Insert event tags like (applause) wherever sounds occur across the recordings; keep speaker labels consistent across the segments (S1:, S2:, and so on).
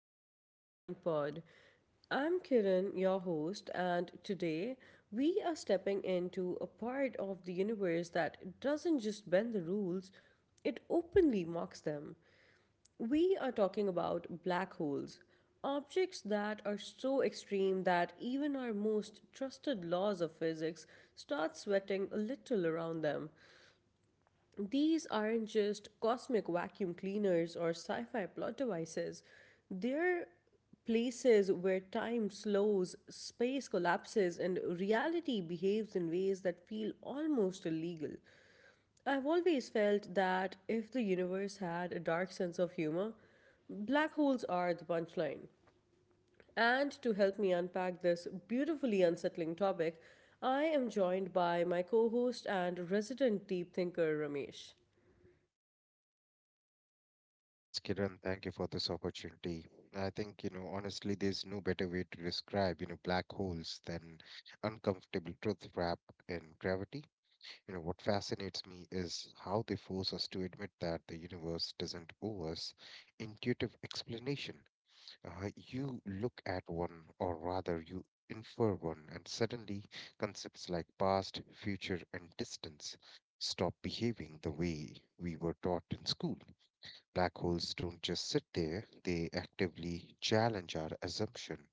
S1: to the Open Mind Pod. I'm Kiran, your host, and today we are stepping into a part of the universe that doesn't just bend the rules, it openly mocks them. We are talking about black holes, objects that are so extreme that even our most trusted laws of physics start sweating a little around them. These aren't just cosmic vacuum cleaners or sci fi plot devices, they're places where time slows, space collapses, and reality behaves in ways that feel almost illegal. I've always felt that if the universe had a dark sense of humor, black holes are the punchline. And to help me unpack this beautifully unsettling topic, I am joined by my co host and resident deep thinker, Ramesh.
S2: Yes, Kiran, thank you for this opportunity. I think, honestly, there's no better way to describe, black holes than uncomfortable truth wrapped in gravity. What fascinates me is how they force us to admit that the universe doesn't owe us intuitive explanation. You look at one, or rather, you infer one, and suddenly concepts like past, future, and distance stop behaving the way we were taught in school. Black holes don't just sit there, they actively challenge our assumption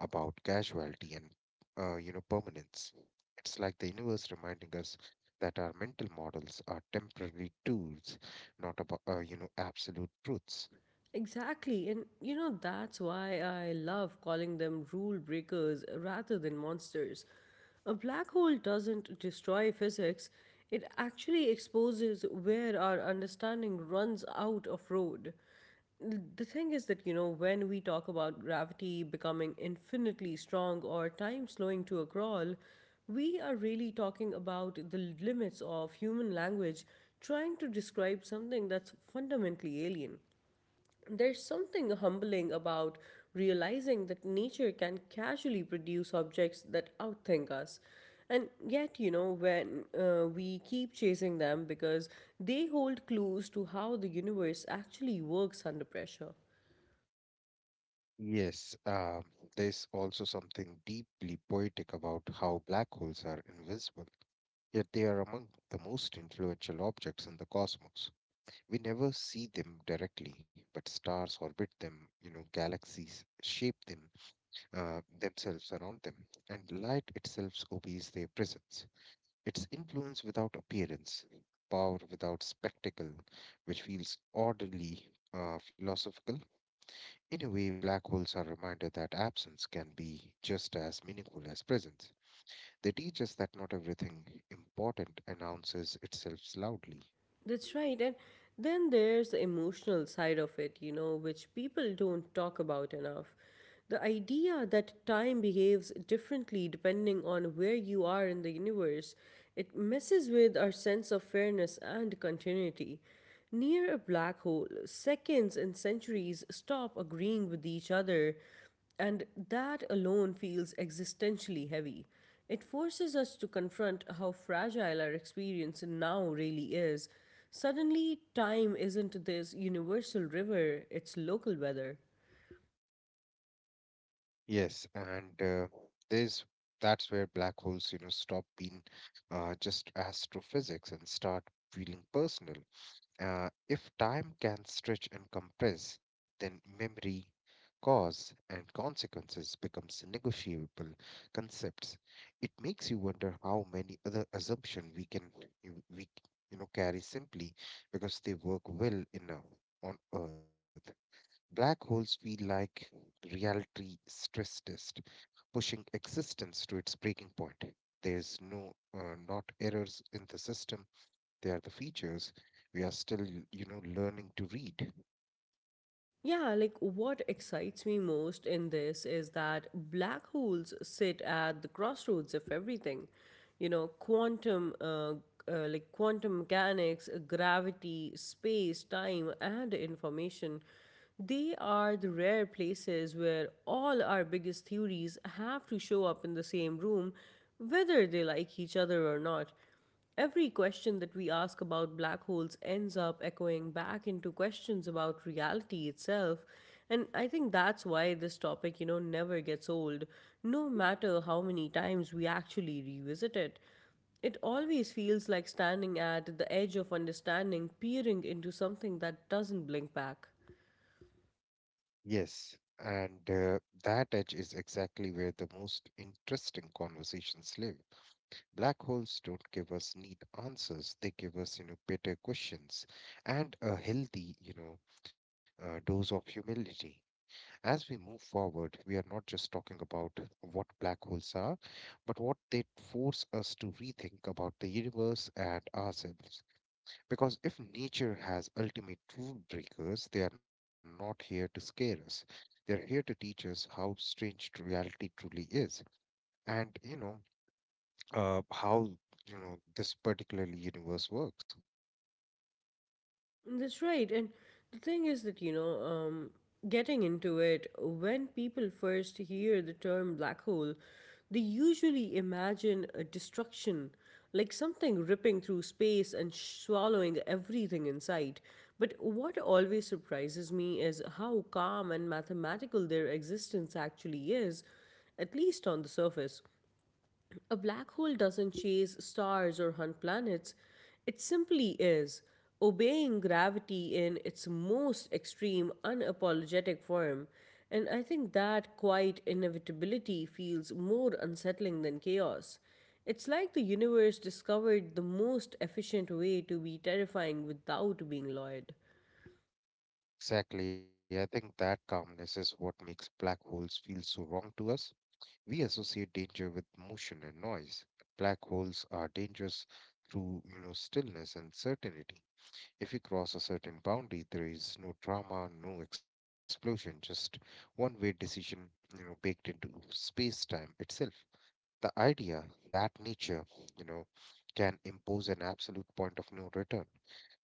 S2: about causality and permanence. It's like the universe reminding us that our mental models are temporary tools, not about absolute truths.
S1: Exactly. And that's why I love calling them rule breakers rather than monsters. A black hole doesn't destroy physics, it actually exposes where our understanding runs out of road. The thing is that, when we talk about gravity becoming infinitely strong or time slowing to a crawl, we are really talking about the limits of human language trying to describe something that's fundamentally alien. There's something humbling about realizing that nature can casually produce objects that outthink us. And yet, when we keep chasing them because they hold clues to how the universe actually works under pressure.
S2: Yes, there's also something deeply poetic about how black holes are invisible, yet they are among the most influential objects in the cosmos. We never see them directly, but stars orbit them, galaxies shape them, themselves around them, and light itself obeys their presence. It's influence without appearance, power without spectacle, which feels orderly, philosophical. In a way, black holes are a reminder that absence can be just as meaningful as presence. They teach us that not everything important announces itself loudly.
S1: That's right. And then there's the emotional side of it, which people don't talk about enough. The idea that time behaves differently depending on where you are in the universe, it messes with our sense of fairness and continuity. Near a black hole, seconds and centuries stop agreeing with each other, and that alone feels existentially heavy. It forces us to confront how fragile our experience now really is. Suddenly, time isn't this universal river, it's local weather.
S2: Yes, and there's that's where black holes, stop being just astrophysics and start feeling personal. If time can stretch and compress, then memory, cause, and consequences becomes negotiable concepts. It makes you wonder how many other assumptions we can you- we you know carry simply because they work well enough on Earth. Black holes feel like reality stress test pushing existence to its breaking point. There's not errors in the system. They are the features we are still, learning to read.
S1: Yeah, like what excites me most in this is that black holes sit at the crossroads of everything. You know, quantum mechanics, gravity, space, time, and information. They are the rare places where all our biggest theories have to show up in the same room, whether they like each other or not. Every question that we ask about black holes ends up echoing back into questions about reality itself. And I think that's why this topic, never gets old, no matter how many times we actually revisit it. It always feels like standing at the edge of understanding, peering into something that doesn't blink back.
S2: Yes, and that edge is exactly where the most interesting conversations live. Black holes don't give us neat answers. They give us better questions and a healthy dose of humility. As we move forward, we are not just talking about what black holes are, but what they force us to rethink about the universe and ourselves. Because if nature has ultimate rule breakers, they are not here to scare us. They're here to teach us how strange reality truly is, and how this particular universe works.
S1: That's right. And the thing is that, getting into it, when people first hear the term black hole, they usually imagine a destruction, like something ripping through space and swallowing everything in sight. But what always surprises me is how calm and mathematical their existence actually is, at least on the surface. A black hole doesn't chase stars or hunt planets, it simply is, obeying gravity in its most extreme, unapologetic form. And I think that quiet inevitability feels more unsettling than chaos. It's like the universe discovered the most efficient way to be terrifying without being loyal.
S2: Exactly, I think that calmness is what makes black holes feel so wrong to us. We associate danger with motion and noise. Black holes are dangerous through stillness and certainty. If you cross a certain boundary, there is no drama, no explosion, just one-way decision, baked into space-time itself. The idea that nature, you know, can impose an absolute point of no return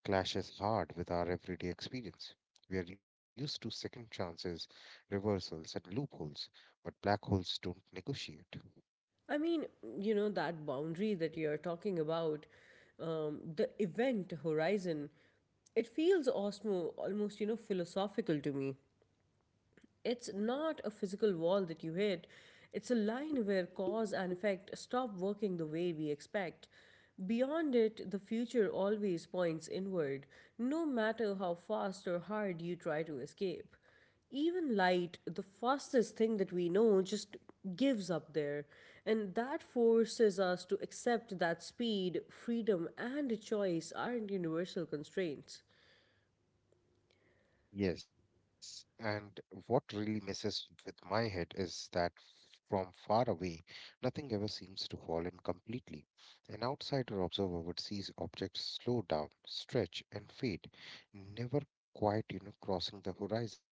S2: clashes hard with our everyday experience. We are used to second chances, reversals, and loopholes, but black holes don't negotiate.
S1: I mean, that boundary that you're talking about, the event horizon, it feels osmo almost, philosophical to me. It's not a physical wall that you hit. It's a line where cause and effect stop working the way we expect. Beyond it, the future always points inward, no matter how fast or hard you try to escape. Even light, the fastest thing that we know, just gives up there. And that forces us to accept that speed, freedom, and choice aren't universal constraints.
S2: Yes, and what really messes with my head is that from far away, nothing ever seems to fall in completely. An outsider observer would see objects slow down, stretch, and fade, never quite crossing the horizon.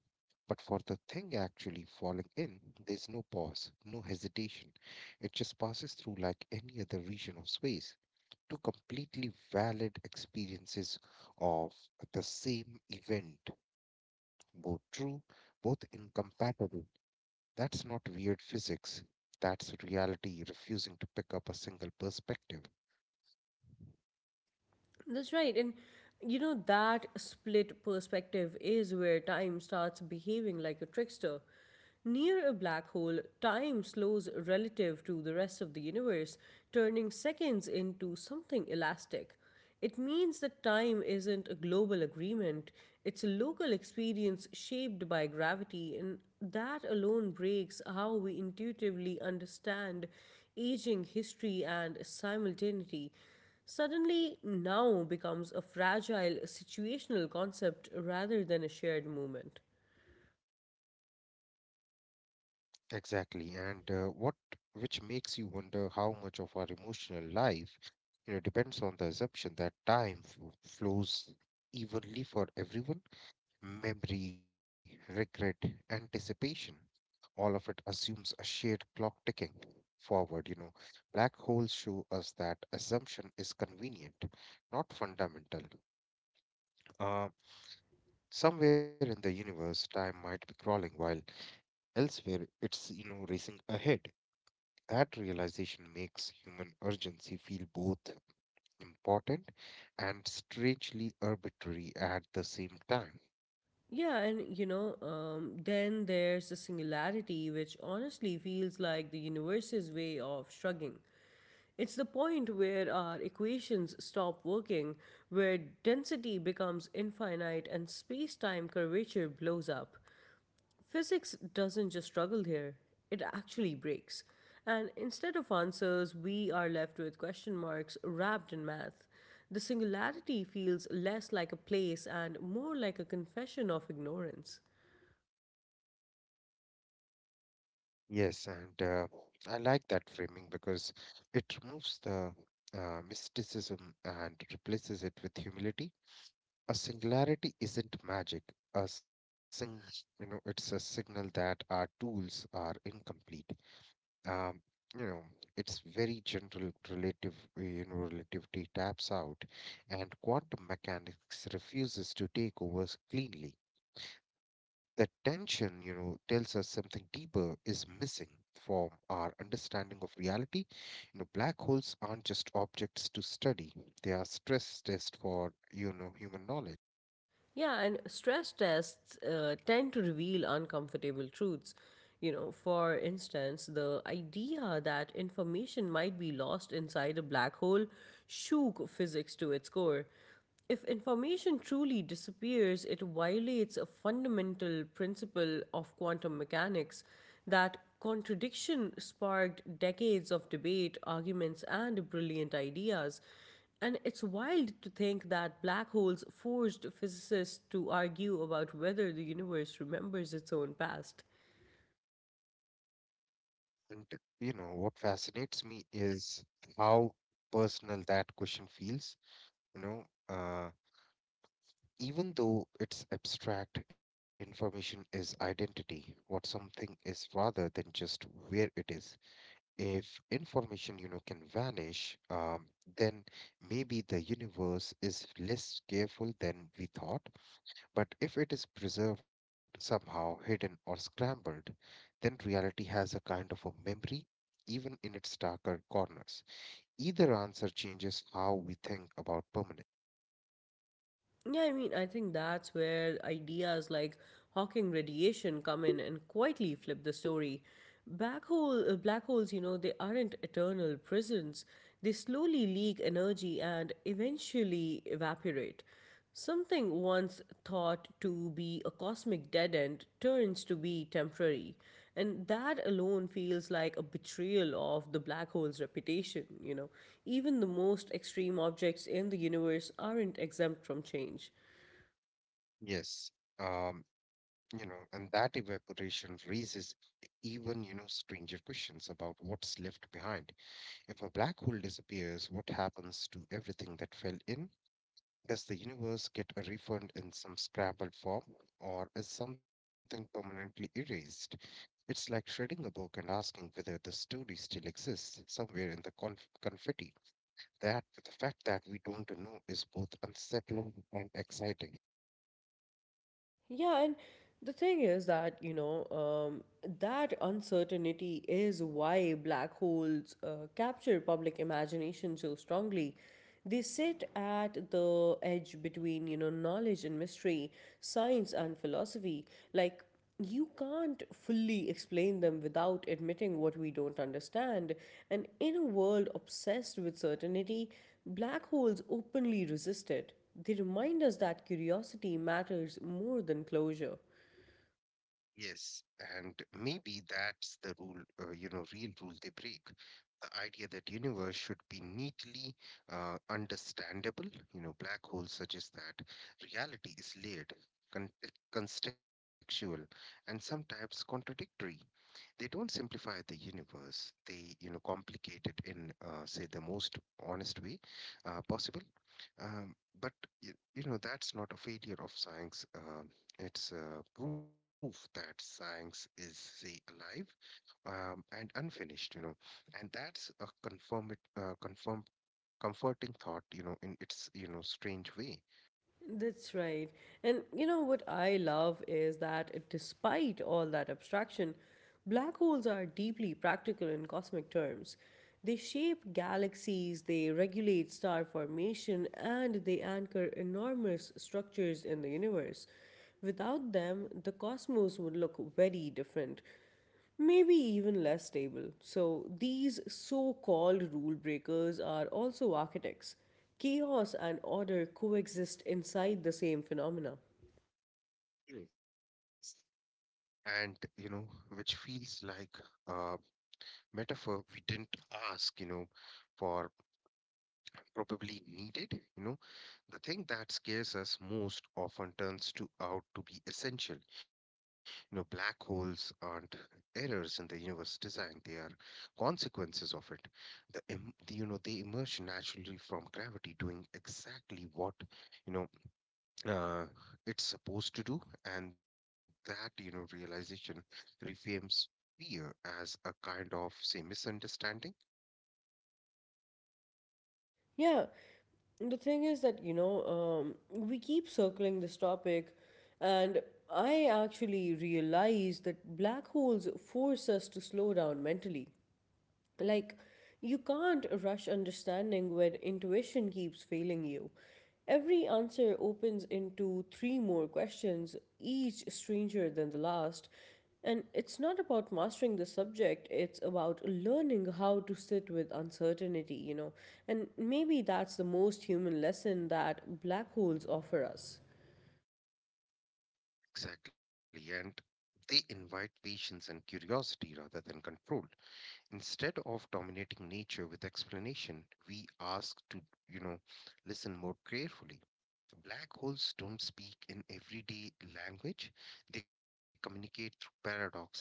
S2: But for the thing actually falling in, there's no pause, no hesitation. It just passes through like any other region of space. Two completely valid experiences of the same event, both true, both incompatible. That's not weird physics. That's reality refusing to pick up a single perspective.
S1: That's right. And that split perspective is where time starts behaving like a trickster. Near a black hole, time slows relative to the rest of the universe, turning seconds into something elastic. It means that time isn't a global agreement, it's a local experience shaped by gravity, and that alone breaks how we intuitively understand aging, history, and simultaneity suddenly now becomes a fragile situational concept rather than a shared movement.
S2: Exactly. And what which makes you wonder how much of our emotional life depends on the assumption that time flows evenly for everyone, memory, regret, anticipation, all of it assumes a shared clock ticking forward. Black holes show us that assumption is convenient, not fundamental. Uh, somewhere in the universe, time might be crawling, while elsewhere it's racing ahead. That realization makes human urgency feel both important and strangely arbitrary at the same time.
S1: Yeah, and then there's the singularity, which honestly feels like the universe's way of shrugging. It's the point where our equations stop working, where density becomes infinite and space time curvature blows up. Physics doesn't just struggle here, it actually breaks. And instead of answers, we are left with question marks wrapped in math. The singularity feels less like a place and more like a confession of ignorance.
S2: Yes, and I like that framing because it removes the mysticism and replaces it with humility. A singularity isn't magic. A sing, you know, it's a signal that our tools are incomplete. Um, you know, it's very general relativity taps out, and quantum mechanics refuses to take over cleanly. That tension tells us something deeper is missing from our understanding of reality. Black holes aren't just objects to study, they are stress tests for human knowledge.
S1: Yeah, and stress tests tend to reveal uncomfortable truths. You know, for instance, the idea that information might be lost inside a black hole shook physics to its core. If information truly disappears, it violates a fundamental principle of quantum mechanics. That contradiction sparked decades of debate, arguments, and brilliant ideas. And it's wild to think that black holes forced physicists to argue about whether the universe remembers its own past.
S2: And what fascinates me is how personal that question feels, you know. Uh, even though it's abstract, information is identity, what something is rather than just where it is. If information can vanish, then maybe the universe is less careful than we thought. But if it is preserved somehow, hidden or scrambled, then reality has a kind of a memory, even in its darker corners. Either answer changes how we think about permanence.
S1: Yeah, I mean, I think that's where ideas like Hawking radiation come in and quietly flip the story. Black holes, they aren't eternal prisons. They slowly leak energy and eventually evaporate. Something once thought to be a cosmic dead end turns to be temporary, and that alone feels like a betrayal of the black hole's reputation. Even the most extreme objects in the universe aren't exempt from change.
S2: Yes, and that evaporation raises even stranger questions about what's left behind. If a black hole disappears, what happens to everything that fell in? Does the universe get a refund in some scrambled form, or is something permanently erased? It's like shredding a book and asking whether the story still exists somewhere in the confetti. That the fact that we don't know is both unsettling and exciting.
S1: Yeah, and the thing is that, that uncertainty is why black holes capture public imagination so strongly. They sit at the edge between, knowledge and mystery, science and philosophy. Like, you can't fully explain them without admitting what we don't understand. And in a world obsessed with certainty, black holes openly resist it. They remind us that curiosity matters more than closure.
S2: Yes, and maybe that's the real rule they break. The idea that universe should be neatly understandable. Black holes suggest that reality is layered, con contextual, and sometimes contradictory. They don't simplify the universe, they complicate it in say the most honest way possible. Um, but that's not a failure of science. It's proof that science is say alive, and unfinished, and that's a confirm confirm comforting thought in its strange way.
S1: That's right. And you know what I love is that despite all that abstraction, black holes are deeply practical in cosmic terms. They shape galaxies, they regulate star formation, and they anchor enormous structures in the universe. Without them, the cosmos would look very different, maybe even less stable. So, these so called rule breakers are also architects. Chaos and order coexist inside the same phenomena.
S2: Yes. And which feels like uh metaphor we didn't ask, for probably needed, you know, the thing that scares us most often turns to out to be essential. Black holes aren't errors in the universe design; they are consequences of it. They emerge naturally from gravity, doing exactly what you know uh, it's supposed to do, and that realization reframes fear as a kind of say misunderstanding.
S1: Yeah, the thing is that, we keep circling this topic, and I actually realize that black holes force us to slow down mentally. Like, you can't rush understanding when intuition keeps failing you. Every answer opens into three more questions, each stranger than the last. And it's not about mastering the subject, it's about learning how to sit with uncertainty. And maybe that's the most human lesson that black holes offer us.
S2: Exactly, and they invite patience and curiosity rather than control. Instead of dominating nature with explanation, we ask to, you know, listen more carefully. Black holes don't speak in everyday language. They communicate through paradox and math.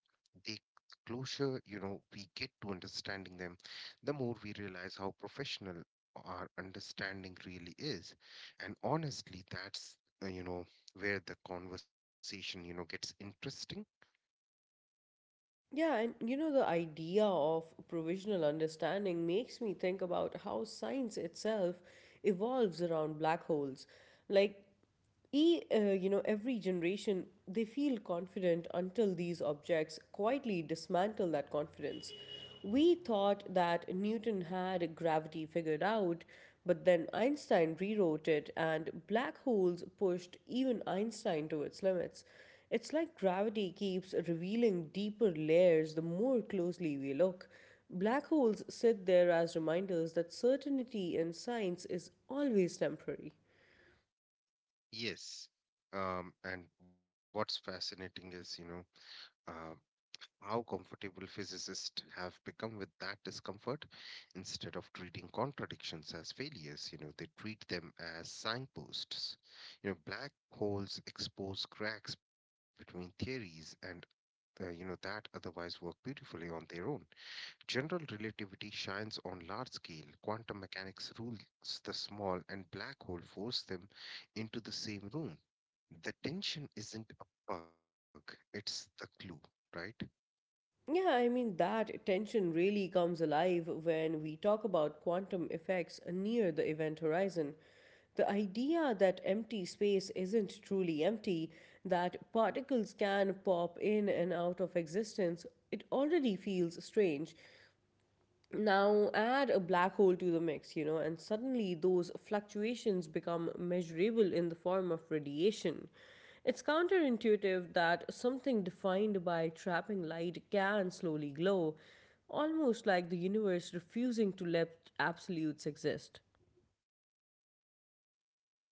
S2: The closer, we get to understanding them, the more we realize how professional our understanding really is. And honestly, that's, uh, you know, where the conversation gets interesting.
S1: Yeah, and the idea of provisional understanding makes me think about how science itself evolves around black holes. Like, every generation, they feel confident until these objects quietly dismantle that confidence. We thought that Newton had gravity figured out, but then Einstein rewrote it, and black holes pushed even Einstein to its limits. It's like gravity keeps revealing deeper layers the more closely we look. Black holes sit there as reminders that certainty in science is always temporary.
S2: Yes. And what's fascinating is, you know, uh, how comfortable physicists have become with that discomfort. Instead of treating contradictions as failures, they treat them as signposts. Black holes expose cracks between theories and you know that otherwise work beautifully on their own. General relativity shines on large scale. Quantum mechanics rules the small. And black hole force them into the same room. The tension isn't a bug. It's the clue, right?
S1: Yeah, I mean, that tension really comes alive when we talk about quantum effects near the event horizon. The idea that empty space isn't truly empty, that particles can pop in and out of existence, it already feels strange. Now, add a black hole to the mix, and suddenly those fluctuations become measurable in the form of radiation. It's counterintuitive that something defined by trapping light can slowly glow, almost like the universe refusing to let absolutes exist.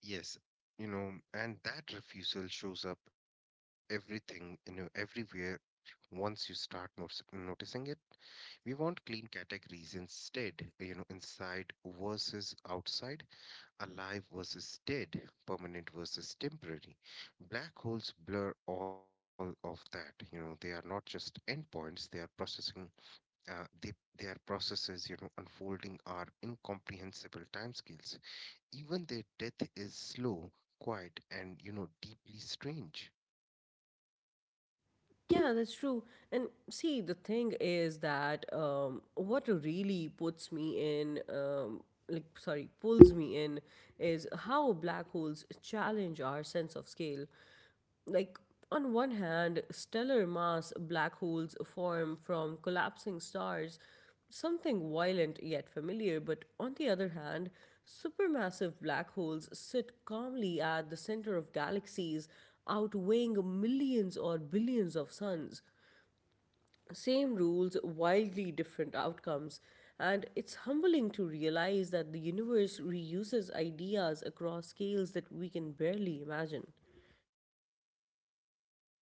S2: Yes, and that refusal shows up everything, everywhere once you start notice noticing it. We want clean categories instead, inside versus outside, alive versus dead, permanent versus temporary. Black holes blur all of that, they are not just endpoints, they are uh, they, their processes, unfolding are incomprehensible timescales. Even their death is slow, quiet, and deeply strange.
S1: Yeah, that's true. And see, the thing is that what really puts me in, like, sorry, pulls me in is how black holes challenge our sense of scale. Like, on one hand stellar mass black holes form from collapsing stars, something violent yet familiar, but on the other hand supermassive black holes sit calmly at the center of galaxies, outweighing millions or billions of suns. Same rules, wildly different outcomes, and it's humbling to realize that the universe reuses ideas across scales that we can barely imagine.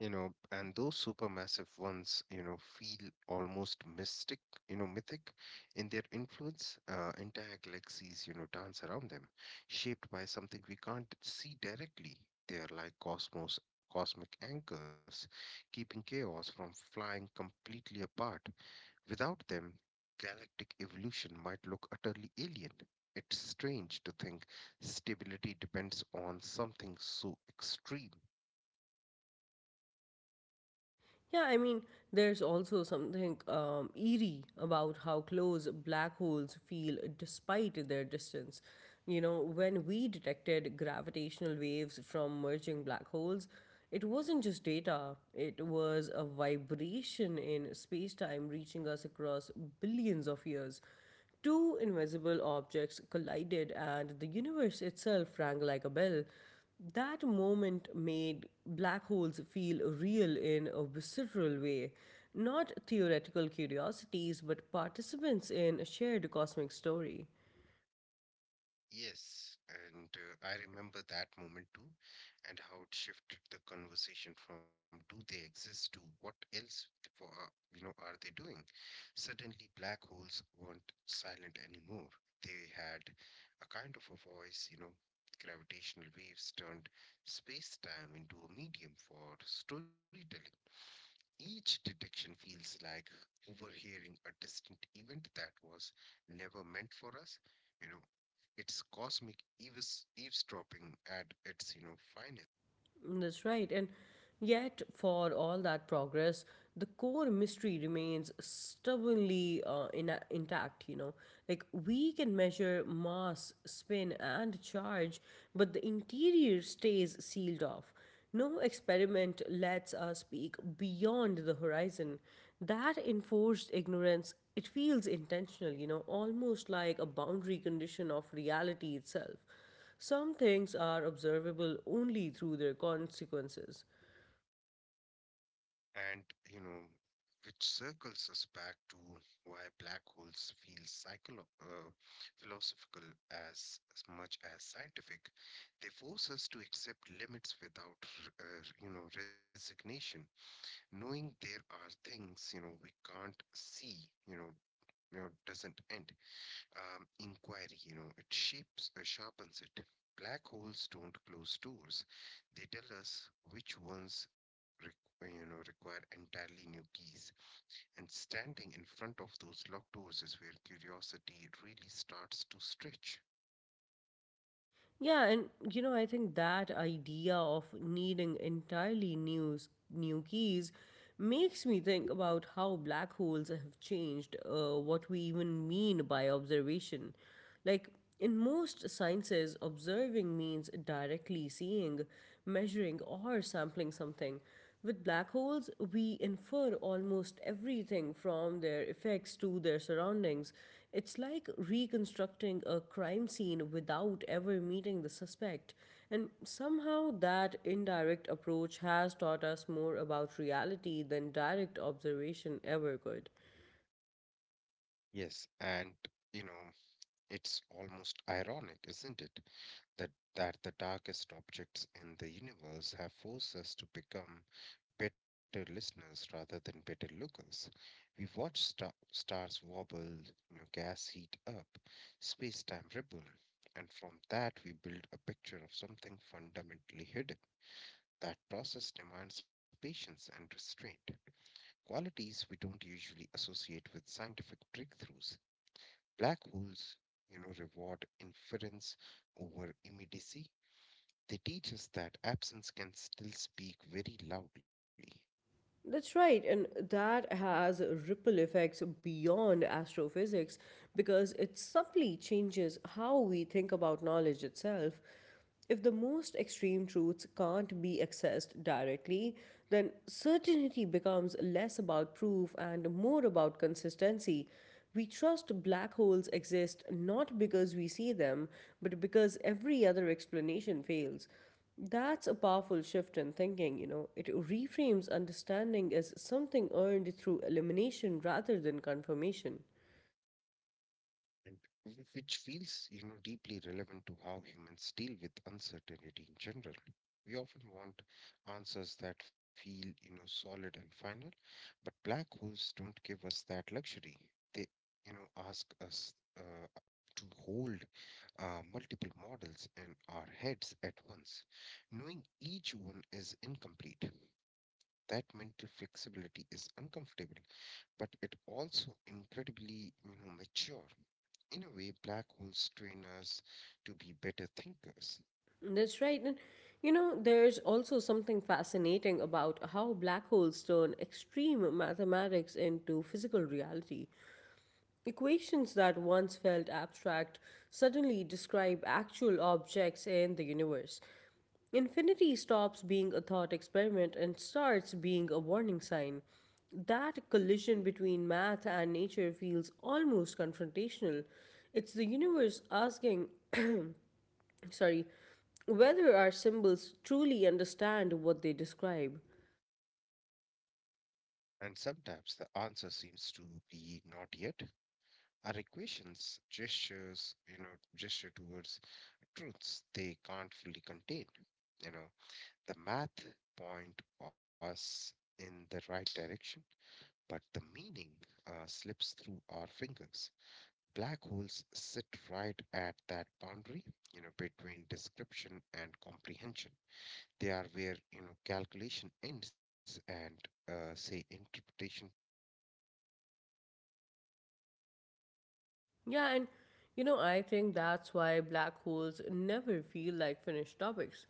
S2: And those supermassive ones, feel almost mythic in their influence. Entire galaxies, dance around them, shaped by something we can't see directly. They are like cosmic anchors, keeping chaos from flying completely apart. Without them, galactic evolution might look utterly alien. It's strange to think stability depends on something so extreme.
S1: Yeah, I mean, there's also something eerie about how close black holes feel despite their distance. You know, when we detected gravitational waves from merging black holes, it wasn't just data, it was a vibration in space time reaching us across billions of years. Two invisible objects collided, and the universe itself rang like a bell. That moment made black holes feel real in a visceral way. Not theoretical curiosities, but participants in a shared cosmic story.
S2: Yes, and I remember that moment too, and how it shifted the conversation from do they exist to what else for, uh, are they doing? Suddenly, black holes weren't silent anymore. They had a kind of a voice. Gravitational waves turned space-time into a medium for storytelling. Each detection feels like overhearing a distant event that was never meant for us. You know, it's cosmic eavesdropping at its finest.
S1: That's right. And yet, for all that progress, the core mystery remains stubbornly intact, Like, we can measure mass, spin, and charge, but the interior stays sealed off. No experiment lets us peek beyond the horizon. That enforced ignorance, it feels intentional, almost like a boundary condition of reality itself. Some things are observable only through their consequences.
S2: And, you know, which circles us back to why black holes feel philosophical as much as scientific. They force us to accept limits without resignation. Knowing there are things we can't see, you know, doesn't end inquiry. It sharpens it. Black holes don't close doors; they tell us which ones, require entirely new keys. And standing in front of those locked doors is where curiosity really starts to stretch.
S1: Yeah, and you know, I think that idea of needing entirely new, new keys makes me think about how black holes have changed what we even mean by observation. Like, in most sciences, observing means directly seeing, measuring, or sampling something. With black holes, we infer almost everything from their effects to their surroundings. It's like reconstructing a crime scene without ever meeting the suspect. And somehow, that indirect approach has taught us more about reality than direct observation ever could.
S2: Yes, and you know, it's almost ironic, isn't it, that the darkest objects in the universe have forced us to become better listeners rather than better lookers. We watch stars wobble, gas heat up, space time ripple, and from that we build a picture of something fundamentally hidden. That process demands patience and restraint, qualities we don't usually associate with scientific breakthroughs. Black holes, reward inference over immediacy. They teach us that absence can still speak very loudly.
S1: That's right, and that has ripple effects beyond astrophysics because it subtly changes how we think about knowledge itself. If the most extreme truths can't be accessed directly, then certainty becomes less about proof and more about consistency. We trust black holes exist not because we see them, but because every other explanation fails. That's a powerful shift in thinking, you know. It reframes understanding as something earned through elimination rather than confirmation.
S2: And which feels, deeply relevant to how humans deal with uncertainty in general. We often want answers that feel, solid and final, but black holes don't give us that luxury. They, ask us uh, to hold multiple models in our heads at once, knowing each one is incomplete. That mental flexibility is uncomfortable, but it also incredibly, mature. In a way, black holes train us to be better thinkers,
S1: That's right. And, you know, there's also something fascinating about how black holes turn extreme mathematics into physical reality. Equations that once felt abstract suddenly describe actual objects in the universe. Infinity stops being a thought experiment and starts being a warning sign. That collision between math and nature feels almost confrontational. It's the universe asking, sorry, whether our symbols truly understand what they describe.
S2: and sometimes the answer seems to be not yet. Our equations gesture towards truths they can't fully contain. You know, the math point us in the right direction, but the meaning slips through our fingers. Black holes sit right at that boundary, between description and comprehension. They are where you know calculation ends and say interpretation.
S1: Yeah, and you know, I think that's why black holes never feel like finished topics.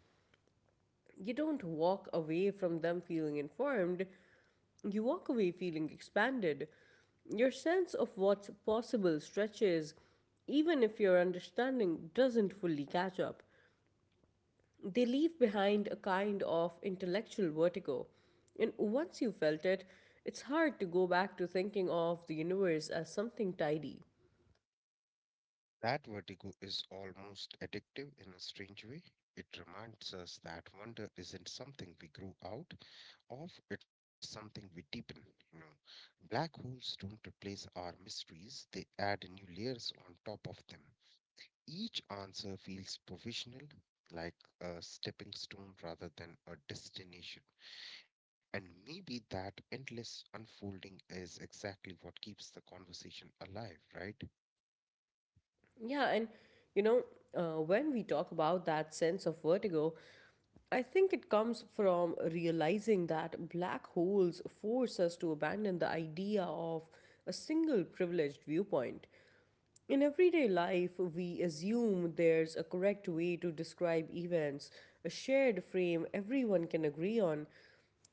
S1: You don't walk away from them feeling informed, you walk away feeling expanded. Your sense of what's possible stretches, even if your understanding doesn't fully catch up. They leave behind a kind of intellectual vertigo. And once you felt it, it's hard to go back to thinking of the universe as something tidy.
S2: That vertigo is almost addictive in a strange way. It reminds us that wonder isn't something we grow out of, it's something we deepen, you know. Black holes don't replace our mysteries, they add new layers on top of them. Each answer feels provisional, like a stepping stone rather than a destination. And maybe that endless unfolding is exactly what keeps the conversation alive, right?
S1: Yeah, and you know, when we talk about that sense of vertigo, I think it comes from realizing that black holes force us to abandon the idea of a single privileged viewpoint. In everyday life, we assume there's a correct way to describe events, a shared frame everyone can agree on.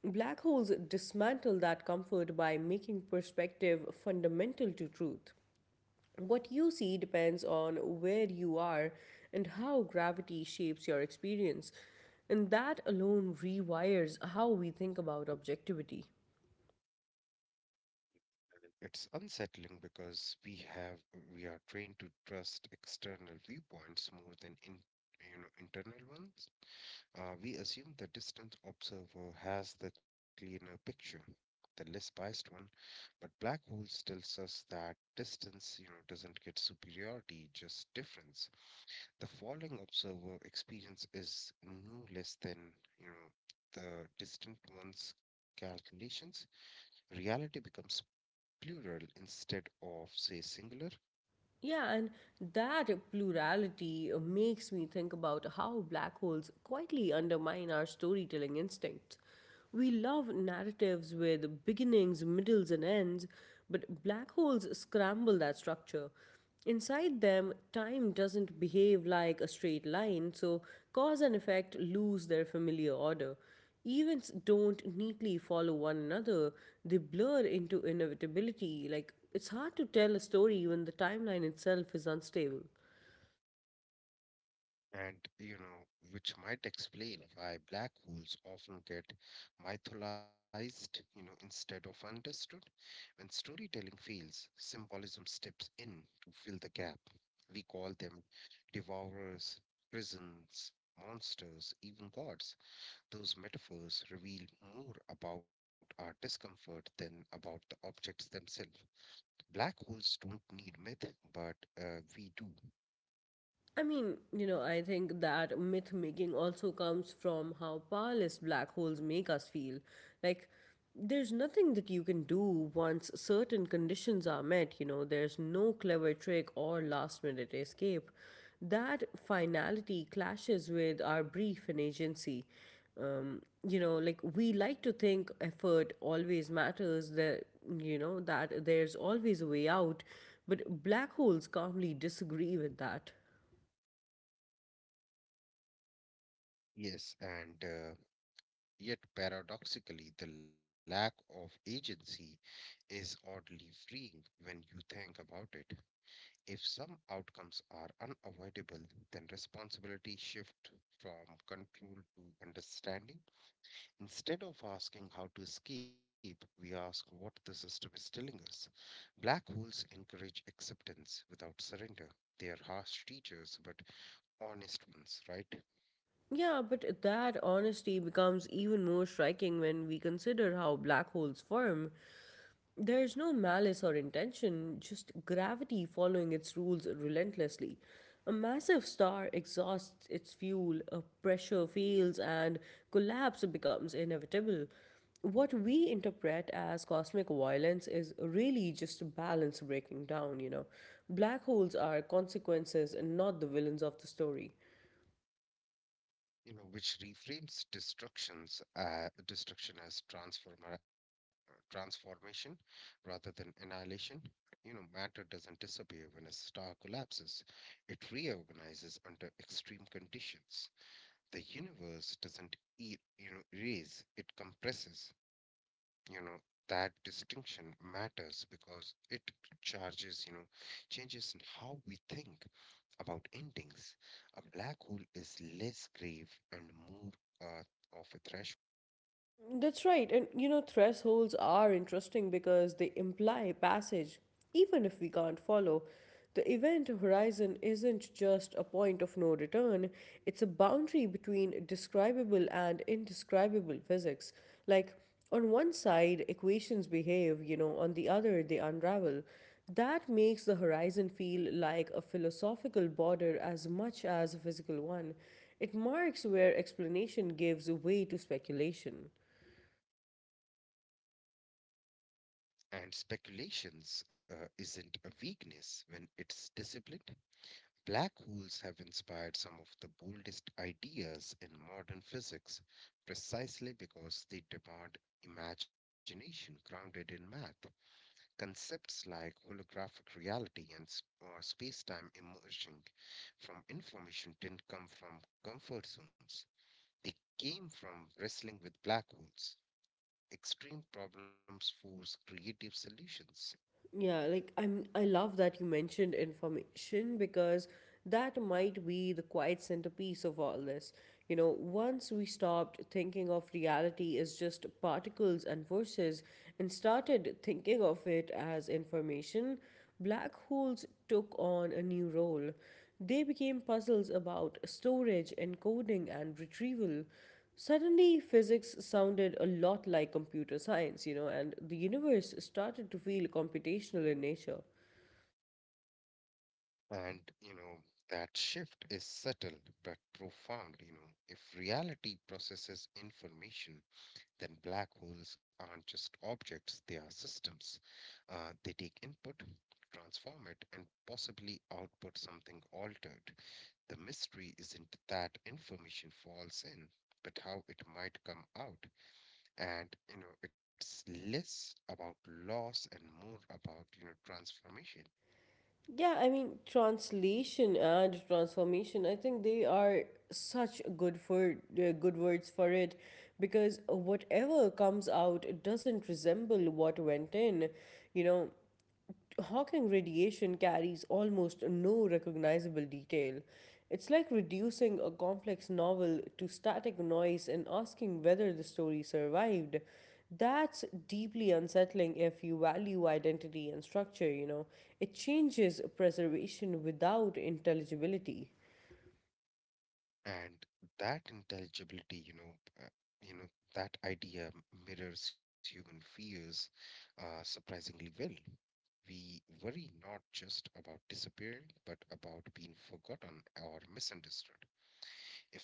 S1: Black holes dismantle that comfort by making perspective fundamental to truth. What you see depends on where you are and how gravity shapes your experience, and that alone rewires how we think about objectivity.
S2: It's unsettling because we are trained to trust external viewpoints more than in you know internal ones. We assume the distant observer has the cleaner picture, the less biased one, but black holes tells us that distance you know doesn't get superiority just difference the falling observer experience is no less than you know the distant one's calculations. Reality becomes plural instead of, say, singular.
S1: Yeah, and that plurality makes me think about how black holes quietly undermine our storytelling instincts. We love narratives with beginnings, middles, and ends, but black holes scramble that structure. Inside them, time doesn't behave like a straight line, so cause and effect lose their familiar order. Events don't neatly follow one another, they blur into inevitability. Like, it's hard to tell a story when the timeline itself is unstable.
S2: And, which might explain why black holes often get mythologized, instead of understood. When storytelling fails, symbolism steps in to fill the gap. We call them devourers, prisons, monsters, even gods. Those metaphors reveal more about our discomfort than about the objects themselves. Black holes don't need myth, but we do.
S1: I mean, you know, I think that myth making also comes from how powerless black holes make us feel. Like, there's nothing that you can do once certain conditions are met, you know, there's no clever trick or last minute escape. That finality clashes with our brief and agency. You know, like we like to think effort always matters, that, you know, that there's always a way out, but black holes calmly disagree with that.
S2: Yes, and yet paradoxically, the lack of agency is oddly freeing when you think about it. If some outcomes are unavoidable, then responsibility shifts from control to understanding. Instead of asking how to escape, we ask what the system is telling us. Black holes encourage acceptance without surrender. They are harsh teachers, but honest ones, right?
S1: Yeah, but that honesty becomes even more striking when we consider how black holes form. There's no malice or intention, just gravity following its rules relentlessly. A massive star exhausts its fuel, a pressure fails, and collapse becomes inevitable. What we interpret as cosmic violence is really just balance breaking down, you know. Black holes are consequences and not the villains of the story.
S2: You know, which reframes destruction as transformation rather than annihilation. You know, matter doesn't disappear when a star collapses; it reorganizes under extreme conditions. The universe doesn't, erase; it compresses. You know, that distinction matters because it charges, you know, changes in how we think about endings. A black hole is less grave and more of a threshold.
S1: That's right. And you know, thresholds are interesting because they imply passage, even if we can't follow. The event horizon isn't just a point of no return, it's a boundary between describable and indescribable physics. Like, on one side, equations behave, you know, on the other, they unravel. That makes the horizon feel like a philosophical border as much as a physical one. It marks where explanation gives way to speculation.
S2: And speculations isn't a weakness when it's disciplined. Black holes have inspired some of the boldest ideas in modern physics precisely because they demand imagination grounded in math. Concepts like holographic reality and or space time emerging from information didn't come from comfort zones. They came from wrestling with black holes. Extreme problems force creative solutions.
S1: Yeah, like I love that you mentioned information because that might be the quiet centerpiece of all this. You know, once we stopped thinking of reality as just particles and forces and started thinking of it as information, black holes took on a new role. They became puzzles about storage, encoding, and retrieval. Suddenly, physics sounded a lot like computer science, you know, and the universe started to feel computational in nature.
S2: And, that shift is subtle but profound. You know, if reality processes information, then black holes aren't just objects, they are systems. They take input, transform it, and possibly output something altered. The mystery isn't that information falls in, but how it might come out. And you know it's less about loss and more about you know transformation.
S1: Yeah, I mean, translation and transformation, I think they are such good words for it because whatever comes out doesn't resemble what went in, you know. Hawking radiation carries almost no recognizable detail. It's like reducing a complex novel to static noise and asking whether the story survived. That's deeply unsettling if you value identity and structure, you know. It changes preservation without intelligibility.
S2: And that intelligibility uh, you know that idea mirrors human fears surprisingly well. We worry not just about disappearing but about being forgotten or misunderstood.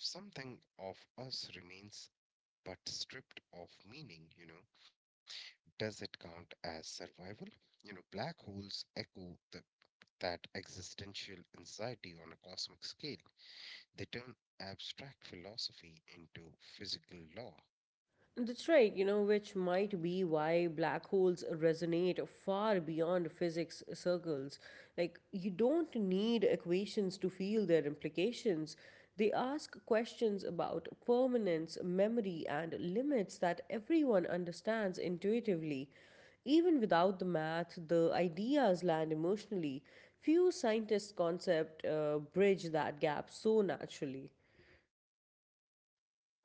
S2: If something of us remains but stripped of meaning you know, does it count as survival? You know, black holes echo the that existential anxiety on a cosmic scale. They turn abstract philosophy into physical law.
S1: That's right, you know, which might be why black holes resonate far beyond physics circles. Like, you don't need equations to feel their implications. They ask questions about permanence, memory, and limits that everyone understands intuitively. Even without the math, the ideas land emotionally. Few scientists' concept bridge that gap so naturally.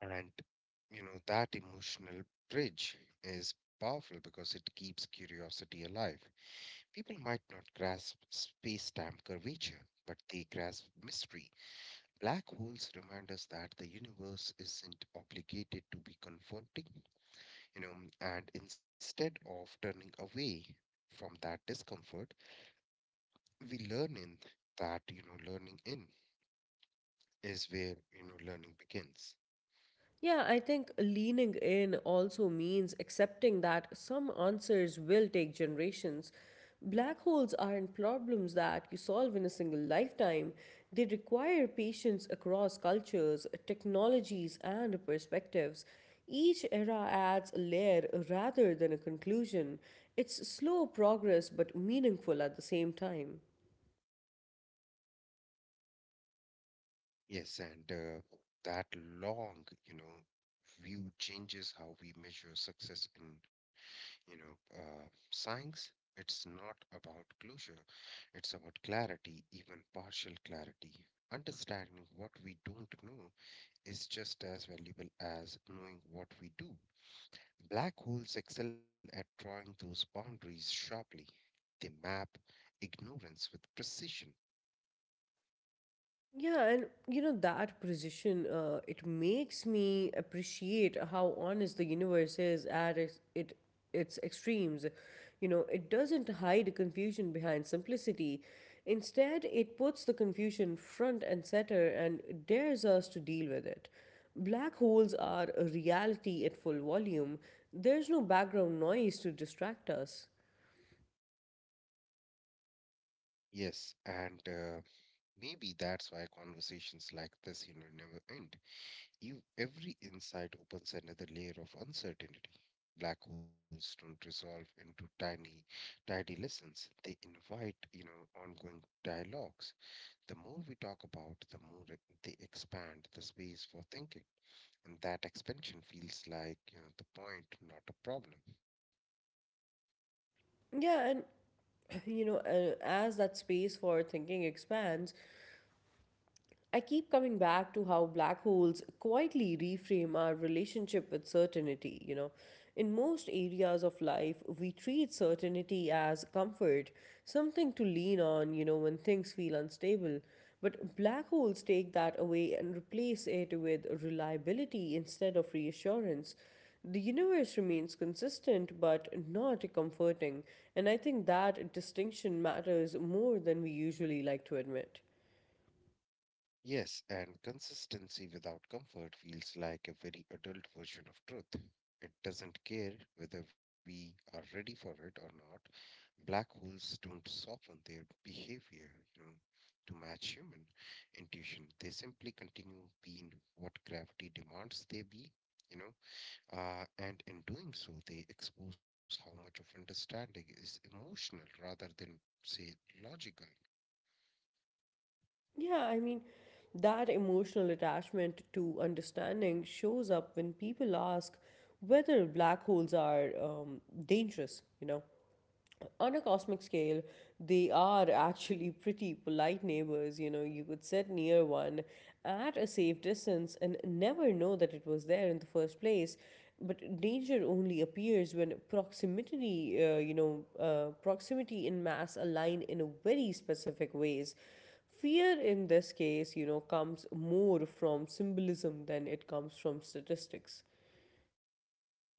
S2: And, that emotional bridge is powerful because it keeps curiosity alive. People might not grasp space time curvature, but they grasp mystery. Black holes remind us that the universe isn't obligated to be confronting, you know, and instead of turning away from that discomfort, we learn in that you know learning in is where you know learning begins.
S1: Yeah, I think leaning in also means accepting that some answers will take generations. Black holes aren't problems that you solve in a single lifetime, they require patience across cultures, technologies, and perspectives. Each era adds a layer rather than a conclusion. It's slow progress but meaningful at the same time.
S2: Yes, and that long you know view changes how we measure success in you know science. It's not about closure, it's about clarity, even partial clarity. Understanding what we don't know is just as valuable as knowing what we do. Black holes excel at drawing those boundaries sharply. They map ignorance with precision.
S1: Yeah, and you know that precision, it makes me appreciate how honest the universe is at its extremes. You know, it doesn't hide confusion behind simplicity. Instead, it puts the confusion front and center and dares us to deal with it. Black holes are a reality at full volume. There's no background noise to distract us.
S2: Yes, and maybe that's why conversations like this, never end. You, every insight opens another layer of uncertainty. Black holes don't resolve into tiny, tidy lessons. They invite, ongoing dialogues. The more we talk about, the more they expand the space for thinking. And that expansion feels like, the point, not a problem.
S1: Yeah, and (clears throat) you know, as that space for thinking expands, I keep coming back to how black holes quietly reframe our relationship with certainty, you know. In most areas of life, we treat certainty as comfort, something to lean on, you know, when things feel unstable. But black holes take that away and replace it with reliability instead of reassurance. The universe remains consistent but not comforting, and I think that distinction matters more than we usually like to admit.
S2: Yes, and consistency without comfort feels like a very adult version of truth. It doesn't care whether we are ready for it or not. Black holes don't soften their behavior, you know, to match human intuition. They simply continue being what gravity demands they be, you know. And in doing so, they expose how much of understanding is emotional rather than, say, logical.
S1: Yeah, I mean, that emotional attachment to understanding shows up when people ask whether black holes are dangerous, you know. On a cosmic scale, they are actually pretty polite neighbors. You know, you could sit near one at a safe distance and never know that it was there in the first place. But danger only appears when proximity and mass align in a very specific ways. Fear in this case, you know, comes more from symbolism than it comes from statistics.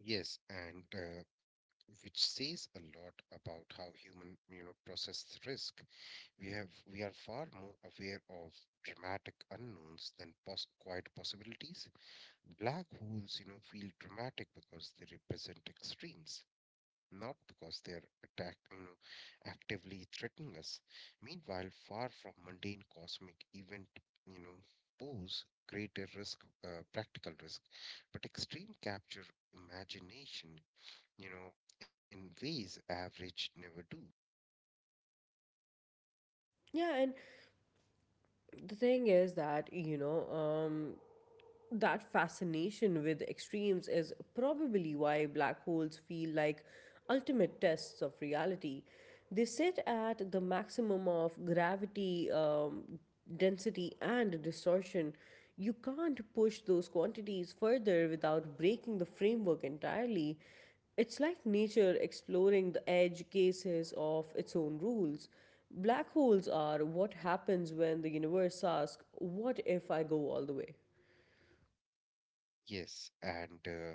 S2: Yes, and which says a lot about how human, process risk. We have we are far more aware of dramatic unknowns than quiet possibilities. Black holes, feel dramatic because they represent extremes, not because they are attack, actively threatening us. Meanwhile, far from mundane cosmic event, you know, pose greater risk, practical risk, but extreme capture imagination, you know, in ways average never do.
S1: Yeah, and the thing is that, you know, that fascination with extremes is probably why black holes feel like ultimate tests of reality. They sit at the maximum of gravity, density, and distortion. You can't push those quantities further without breaking the framework entirely. It's like nature exploring the edge cases of its own rules. Black holes are what happens when the universe asks, "What if I go all the way?"
S2: Yes, and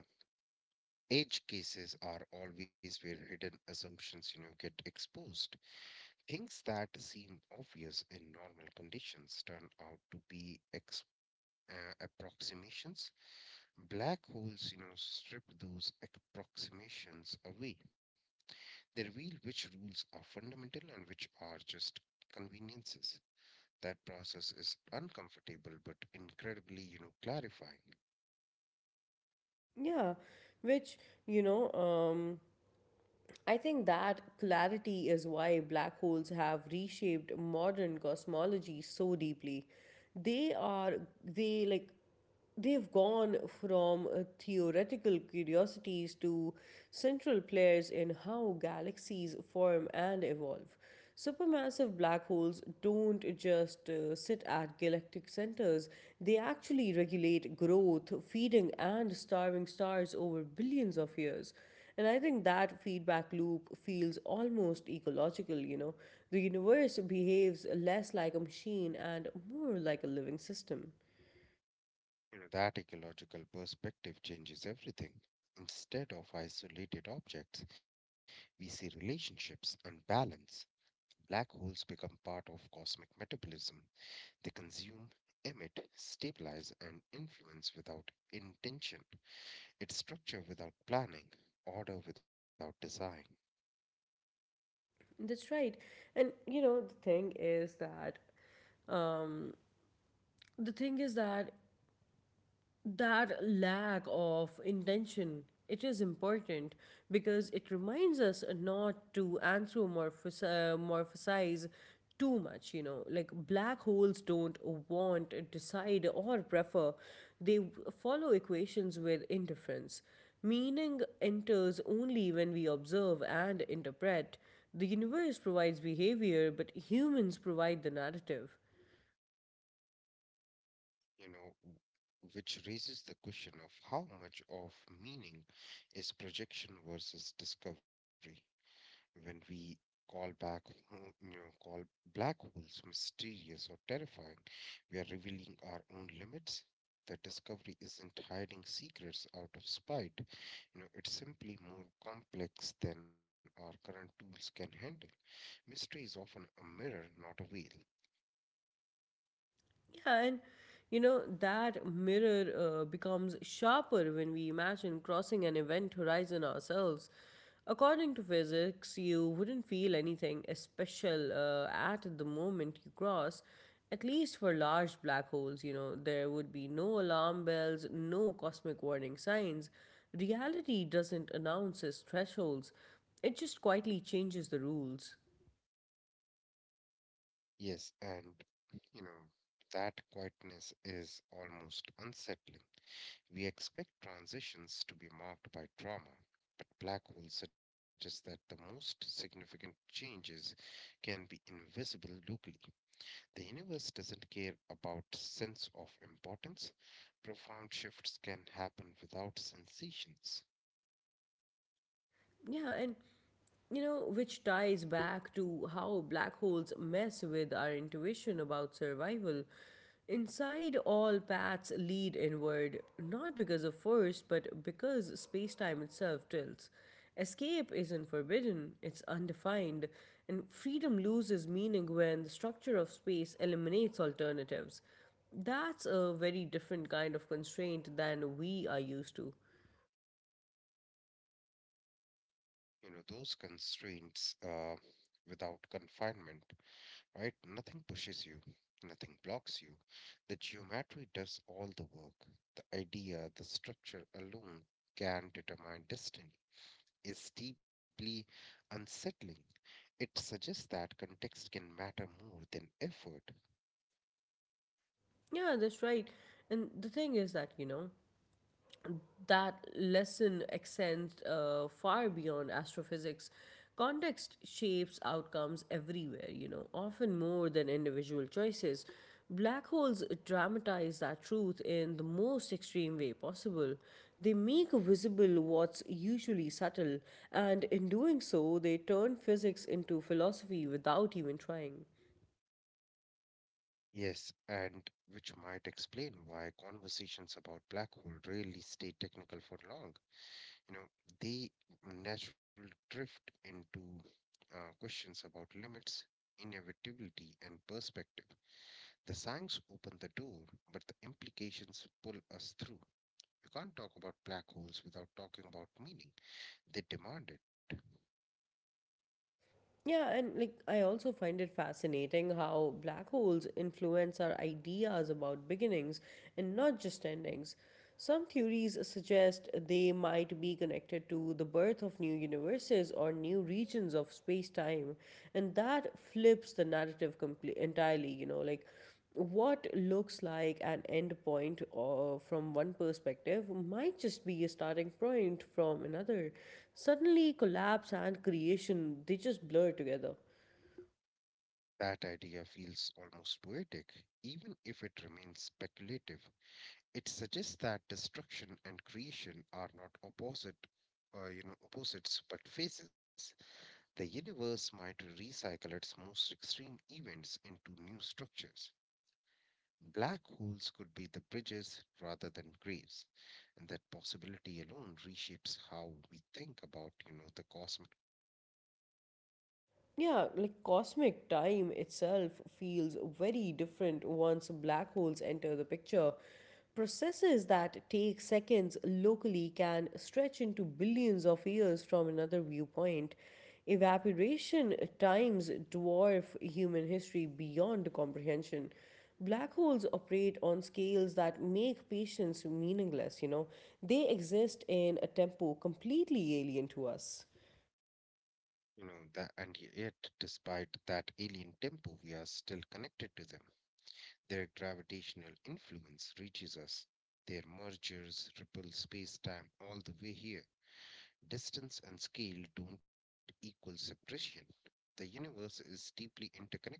S2: edge cases are always where hidden assumptions, get exposed. Things that seem obvious in normal conditions turn out to be approximations. Black holes, strip those approximations away. They reveal which rules are fundamental and which are just conveniences. That process is uncomfortable but incredibly, clarifying.
S1: Yeah, which, you know, I think that clarity is why black holes have reshaped modern cosmology so deeply. They are, they like, they've gone from theoretical curiosities to central players in how galaxies form and evolve. Supermassive black holes don't just sit at galactic centers, they actually regulate growth, feeding, and starving stars over billions of years. And I think that feedback loop feels almost ecological, you know. The universe behaves less like a machine and more like a living system.
S2: You know, that ecological perspective changes everything. Instead of isolated objects, we see relationships and balance. Black holes become part of cosmic metabolism. They consume, emit, stabilize, and influence without intention. It's structure without planning, order without design.
S1: That's right. And you know, the thing is that um the thing is that that lack of intention, it is important because it reminds us not to anthropomorphize too much, you know. Like, black holes don't want, decide, or prefer, they follow equations with indifference. Meaning enters only when we observe and interpret. The universe provides behavior, but humans provide the narrative.
S2: You know, which raises the question of how much of meaning is projection versus discovery. When we call back home, you know, call black holes mysterious or terrifying, we are revealing our own limits. The discovery isn't hiding secrets out of spite. You know, it's simply more complex than our current tools can handle. Mystery is often a mirror, not a veil.
S1: Yeah, and you know, that mirror becomes sharper when we imagine crossing an event horizon ourselves. According to physics, you wouldn't feel anything special at the moment you cross. At least for large black holes, you know, there would be no alarm bells, no cosmic warning signs. Reality doesn't announce its thresholds, it just quietly changes the rules.
S2: Yes, and you know, that quietness is almost unsettling. We expect transitions to be marked by trauma, but black holes suggest that the most significant changes can be invisible locally. The universe doesn't care about sense of importance. Profound shifts can happen without sensations.
S1: Yeah, and you know, which ties back to how black holes mess with our intuition about survival. Inside, all paths lead inward, not because of force, but because spacetime itself tilts. Escape isn't forbidden, it's undefined, and freedom loses meaning when the structure of space eliminates alternatives. That's a very different kind of constraint than we are used to.
S2: You know, those constraints without confinement, right? Nothing pushes you, nothing blocks you. The geometry does all the work. The idea, the structure alone can determine destiny. Is deeply unsettling. It suggests that context can matter more than effort.
S1: Yeah, that's right. And the thing is that, you know, that lesson extends far beyond astrophysics. Context shapes outcomes everywhere, you know, often more than individual choices. Black holes dramatize that truth in the most extreme way possible. They make visible what's usually subtle, and in doing so, they turn physics into philosophy without even trying.
S2: Yes, and which might explain why conversations about black hole rarely stay technical for long. You know they naturally drift into questions about limits, inevitability and perspective. The signs open the door but the implications pull us through. You can't talk about black holes without talking about meaning, they demand it.
S1: Yeah, and like I also find it fascinating how black holes influence our ideas about beginnings and not just endings. Some theories suggest they might be connected to the birth of new universes or new regions of space time, and that flips the narrative entirely, you know, like what looks like an end point or from one perspective might just be a starting point from another. Suddenly collapse and creation, they just blur together.
S2: That idea feels almost poetic even if it remains speculative. It suggests that destruction and creation are not opposites but phases. The universe might recycle its most extreme events into new structures. Black holes could be the bridges rather than graves, and that possibility alone reshapes how we think about, the cosmic,
S1: Yeah, like cosmic time itself feels very different once black holes enter the picture. Processes that take seconds locally can stretch into billions of years from another viewpoint. Evaporation times dwarf human history beyond comprehension. Black holes operate on scales that make patience meaningless, you know. They exist in a tempo completely alien to us.
S2: you know, the, and yet, despite that alien tempo, we are still connected to them. Their gravitational influence reaches us. Their mergers ripple space-time all the way here. Distance and scale don't equal separation. The universe is deeply interconnected,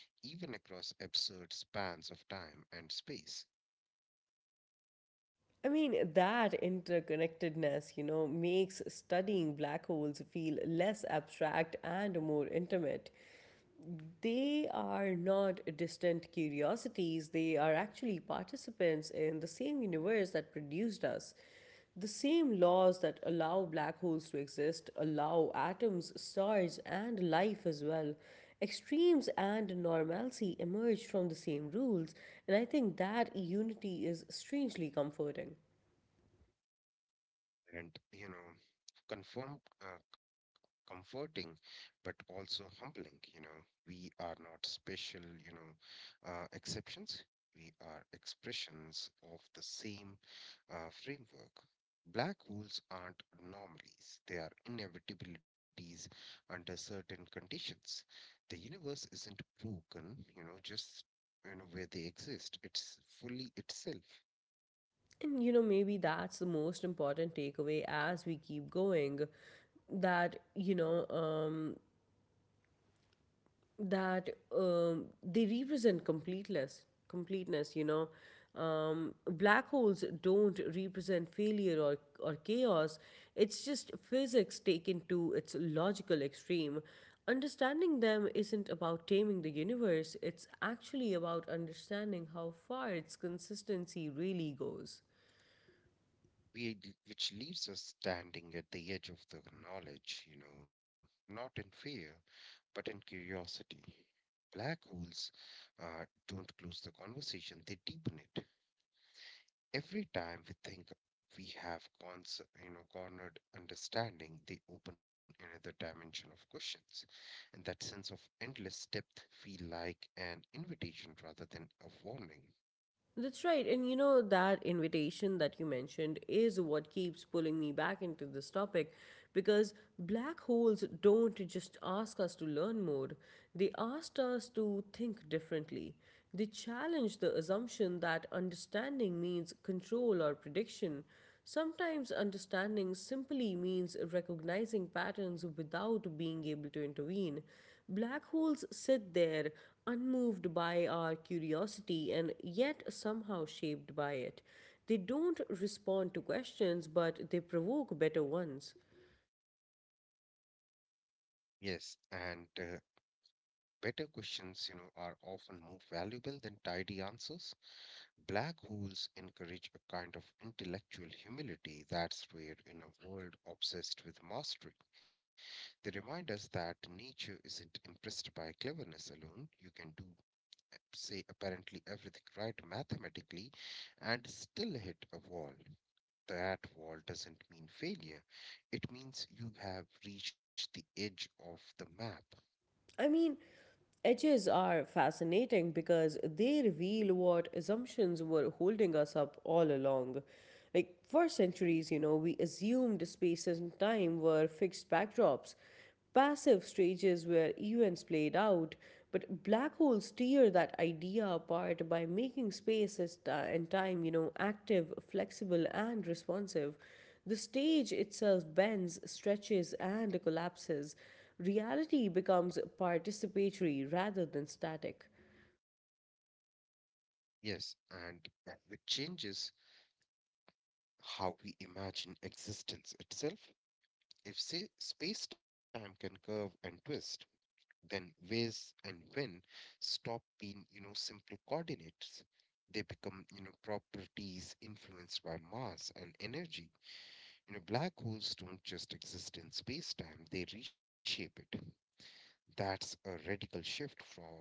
S2: even across absurd spans of time and space.
S1: I mean, that interconnectedness, you know, makes studying black holes feel less abstract and more intimate. They are not distant curiosities, they are actually participants in the same universe that produced us. The same laws that allow black holes to exist allow atoms, stars, and life as well. Extremes and normalcy emerge from the same rules, and I think that unity is strangely comforting.
S2: And you know confirm c- Comforting but also humbling. We are not special you know exceptions. We are expressions of the same framework. Black holes aren't anomalies, they are inevitabilities under certain conditions. The universe isn't broken you know just you know where they exist, it's fully itself.
S1: And you know, maybe that's the most important takeaway as we keep going that, you know, um, that they represent completeness. Black holes don't represent failure or chaos, it's just physics taken to its logical extreme. Understanding them isn't about taming the universe, it's actually about understanding how far its consistency really goes.
S2: Which leaves us standing at the edge of the knowledge, not in fear, but in curiosity. Black holes don't close the conversation, they deepen it. Every time we think we have cornered understanding, they open another dimension of questions. And that sense of endless depth feel like an invitation rather than a warning.
S1: That's right. And you know, that invitation that you mentioned is what keeps pulling me back into this topic because black holes don't just ask us to learn more, they asked us to think differently. They challenge the assumption that understanding means control or prediction. Sometimes understanding simply means recognizing patterns without being able to intervene. Black holes sit there, unmoved by our curiosity and yet somehow shaped by it. They don't respond to questions, but they provoke better ones.
S2: Yes, and Better questions are often more valuable than tidy answers. Black holes encourage a kind of intellectual humility that's rare in a world obsessed with mastery. They remind us that nature isn't impressed by cleverness alone. You can say, apparently everything right mathematically and still hit a wall. That wall doesn't mean failure. It means you have reached the edge of the map.
S1: I mean, edges are fascinating because they reveal what assumptions were holding us up all along. Like, for centuries, you know, we assumed spaces and time were fixed backdrops, passive stages where events played out, but black holes tear that idea apart by making and time, you know, active, flexible, and responsive. The stage itself bends, stretches, and collapses. Reality becomes participatory rather than static.
S2: Yes, and with changes how we imagine existence itself. If say, space-time can curve and twist, then ways and when stop being simple coordinates. They become properties influenced by mass and energy. You know, black holes don't just exist in space-time, they reshape it. That's a radical shift from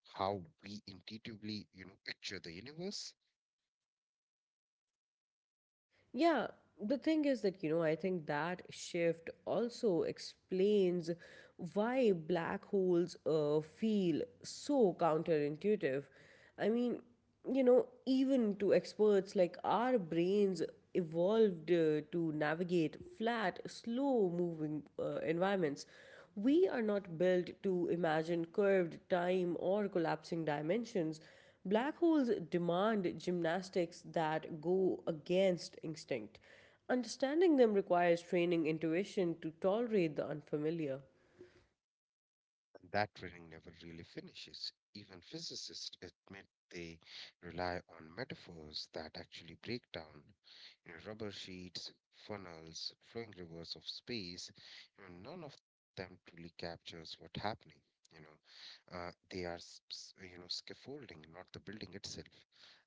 S2: how we intuitively picture the universe.
S1: Yeah, the thing is that, you know, I think that shift also explains why black holes feel so counterintuitive. I mean, you know, even to experts, like our brains evolved to navigate flat, slow moving environments. We are not built to imagine curved time or collapsing dimensions. Black holes demand gymnastics that go against instinct. Understanding them requires training intuition to tolerate the unfamiliar.
S2: That training never really finishes. Even physicists admit they rely on metaphors that actually break down. You know, rubber sheets, funnels, flowing rivers of space, none of them truly captures what's happening. You know, they are, s- s- you know, Scaffolding, not the building itself.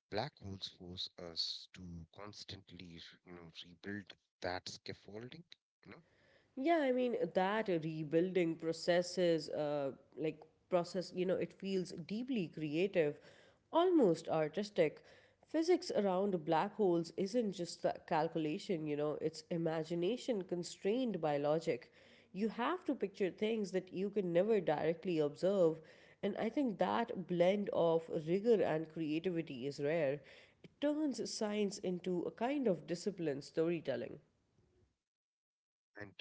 S2: Black holes force us to constantly rebuild that scaffolding. You know
S1: Yeah, I mean that rebuilding processes, like process, you know, it feels deeply creative, almost artistic. Physics around black holes isn't just the calculation, you know, it's imagination constrained by logic. You have to picture things that you can never directly observe, and I think that blend of rigor and creativity is rare. It turns science into a kind of disciplined storytelling.
S2: And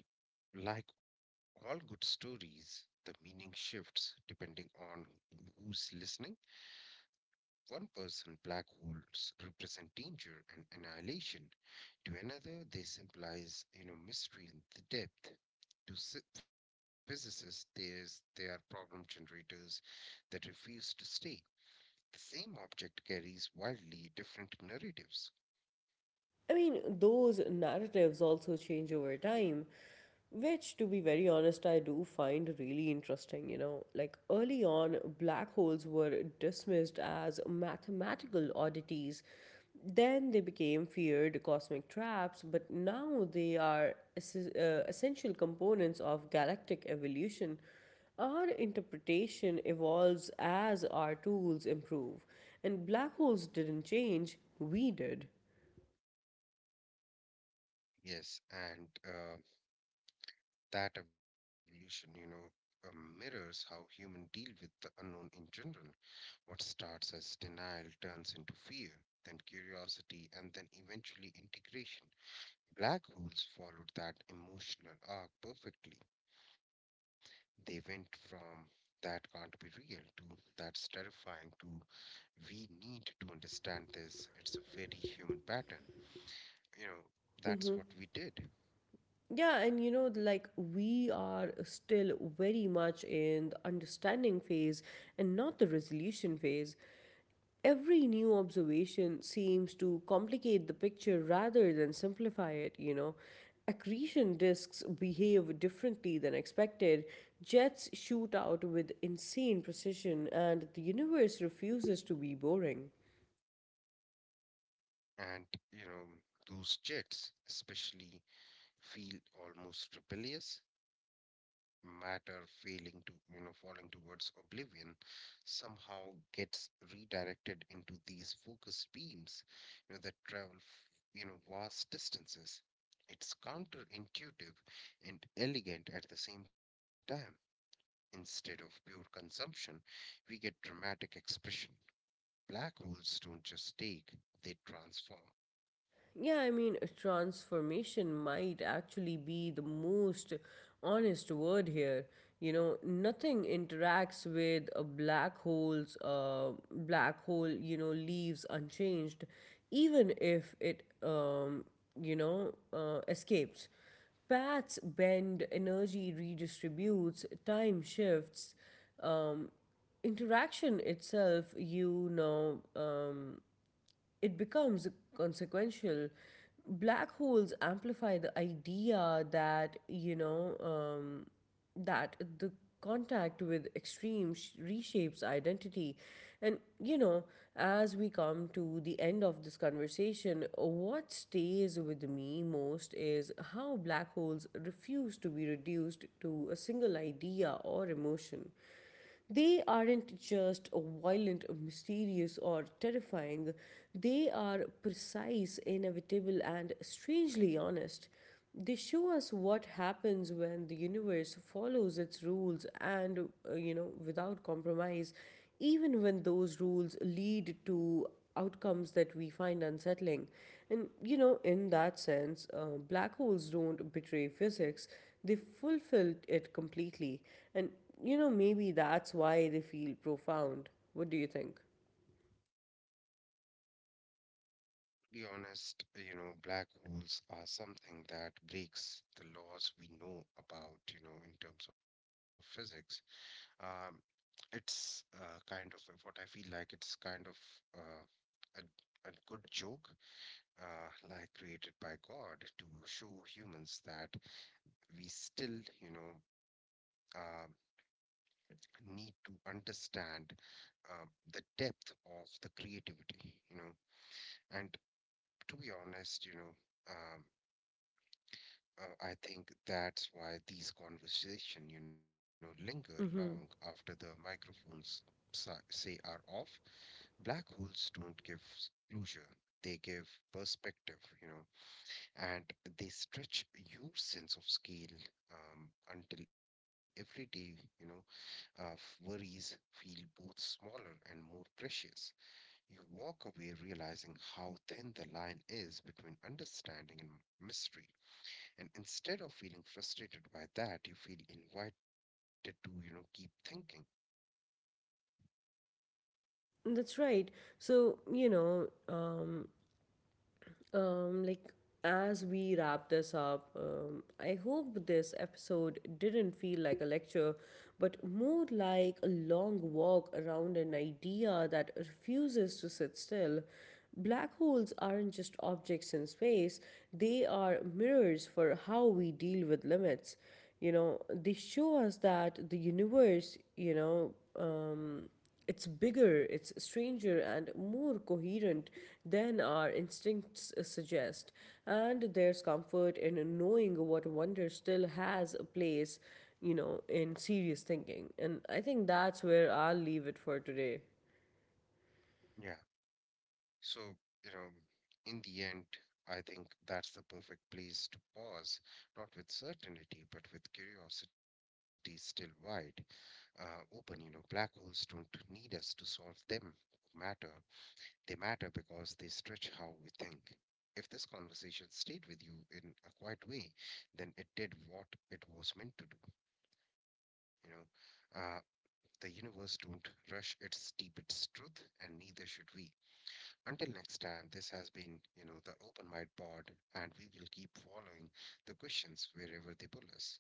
S2: like all good stories, the meaning shifts depending on who's listening. One person, black holes represent danger and annihilation. To another, this implies mystery and the depth. To physicists, they are problem generators that refuse to stay. The same object carries wildly different narratives.
S1: I mean, those narratives also change over time, which, to be very honest, I do find really interesting. You know, like early on, black holes were dismissed as mathematical oddities. Then they became feared cosmic traps, but now they are essential components of galactic evolution. Our interpretation evolves as our tools improve, and black holes didn't change, we did.
S2: Yes, and That evolution mirrors how humans deal with the unknown in general. What starts as denial turns into fear, then curiosity, and then eventually integration. Black holes followed that emotional arc perfectly. They went from that can't be real to that's terrifying to we need to understand this. It's a very human pattern. You know, that's
S1: Mm-hmm.
S2: what we did.
S1: Yeah, and you know, like we are still very much in the understanding phase and not the resolution phase. Every new observation seems to complicate the picture rather than simplify it, you know. Accretion disks behave differently than expected. Jets shoot out with insane precision, and the universe refuses to be boring.
S2: And, you know, those jets, especially, feel almost rebellious, matter failing to falling towards oblivion, somehow gets redirected into these focused beams, you know, that travel vast distances. It's counterintuitive and elegant at the same time. Instead of pure consumption, we get dramatic expression. Black holes don't just take, they transform.
S1: Yeah, I mean, transformation might actually be the most honest word here. You know, nothing interacts with a black hole. You know, leaves unchanged, even if it escapes. Paths bend, energy redistributes, time shifts. Interaction itself, you know, it becomes consequential. Black holes amplify the idea that you know that the contact with reshapes identity. And you know, as we come to the end of this conversation, what stays with me most is how black holes refuse to be reduced to a single idea or emotion. They aren't just violent, mysterious, or terrifying. They are precise, inevitable, and strangely honest. They show us what happens when the universe follows its rules and, you know, without compromise, even when those rules lead to outcomes that we find unsettling. And you know, in that sense, black holes don't betray physics, they fulfill it completely. And you know, maybe that's why they feel profound. What do you think?
S2: Be honest, you know, black holes are something that breaks the laws we know about, you know, in terms of physics. Um, it's kind of what I feel like it's kind of uh, a good joke, like created by God to show humans that we still, uh, need to understand um, the depth of the creativity, you know, and to be honest, um, I think that's why these conversation linger long
S1: Mm-hmm.
S2: after the microphones say are off. Black holes don't give closure. They give perspective, and they stretch your sense of scale until every day, worries feel both smaller and more precious. You walk away realizing how thin the line is between understanding and mystery, and instead of feeling frustrated by that, you feel invited to keep thinking.
S1: That's right. So, you know, um, Um, like, as we wrap this up, I hope this episode didn't feel like a lecture, but more like a long walk around an idea that refuses to sit still. Black holes aren't just objects in space, they are mirrors for how we deal with limits. You know, they show us that the universe, you know, um, it's bigger, it's stranger, and more coherent than our instincts suggest. And there's comfort in knowing what wonder still has a place, you know, in serious thinking. And I think that's where I'll leave it for today.
S2: Yeah. So, you know, in the end, I think that's the perfect place to pause, not with certainty, but with curiosity still wide, open. You know, black holes don't need us to solve them. Matter. They matter because they stretch how we think. If this conversation stayed with you in a quiet way, then it did what it was meant to do. You know, uh, The universe don't rush its deepest truth, and neither should we. Until next time, this has been, you know, the Open Mind Pod, and we will keep following the questions wherever they pull us.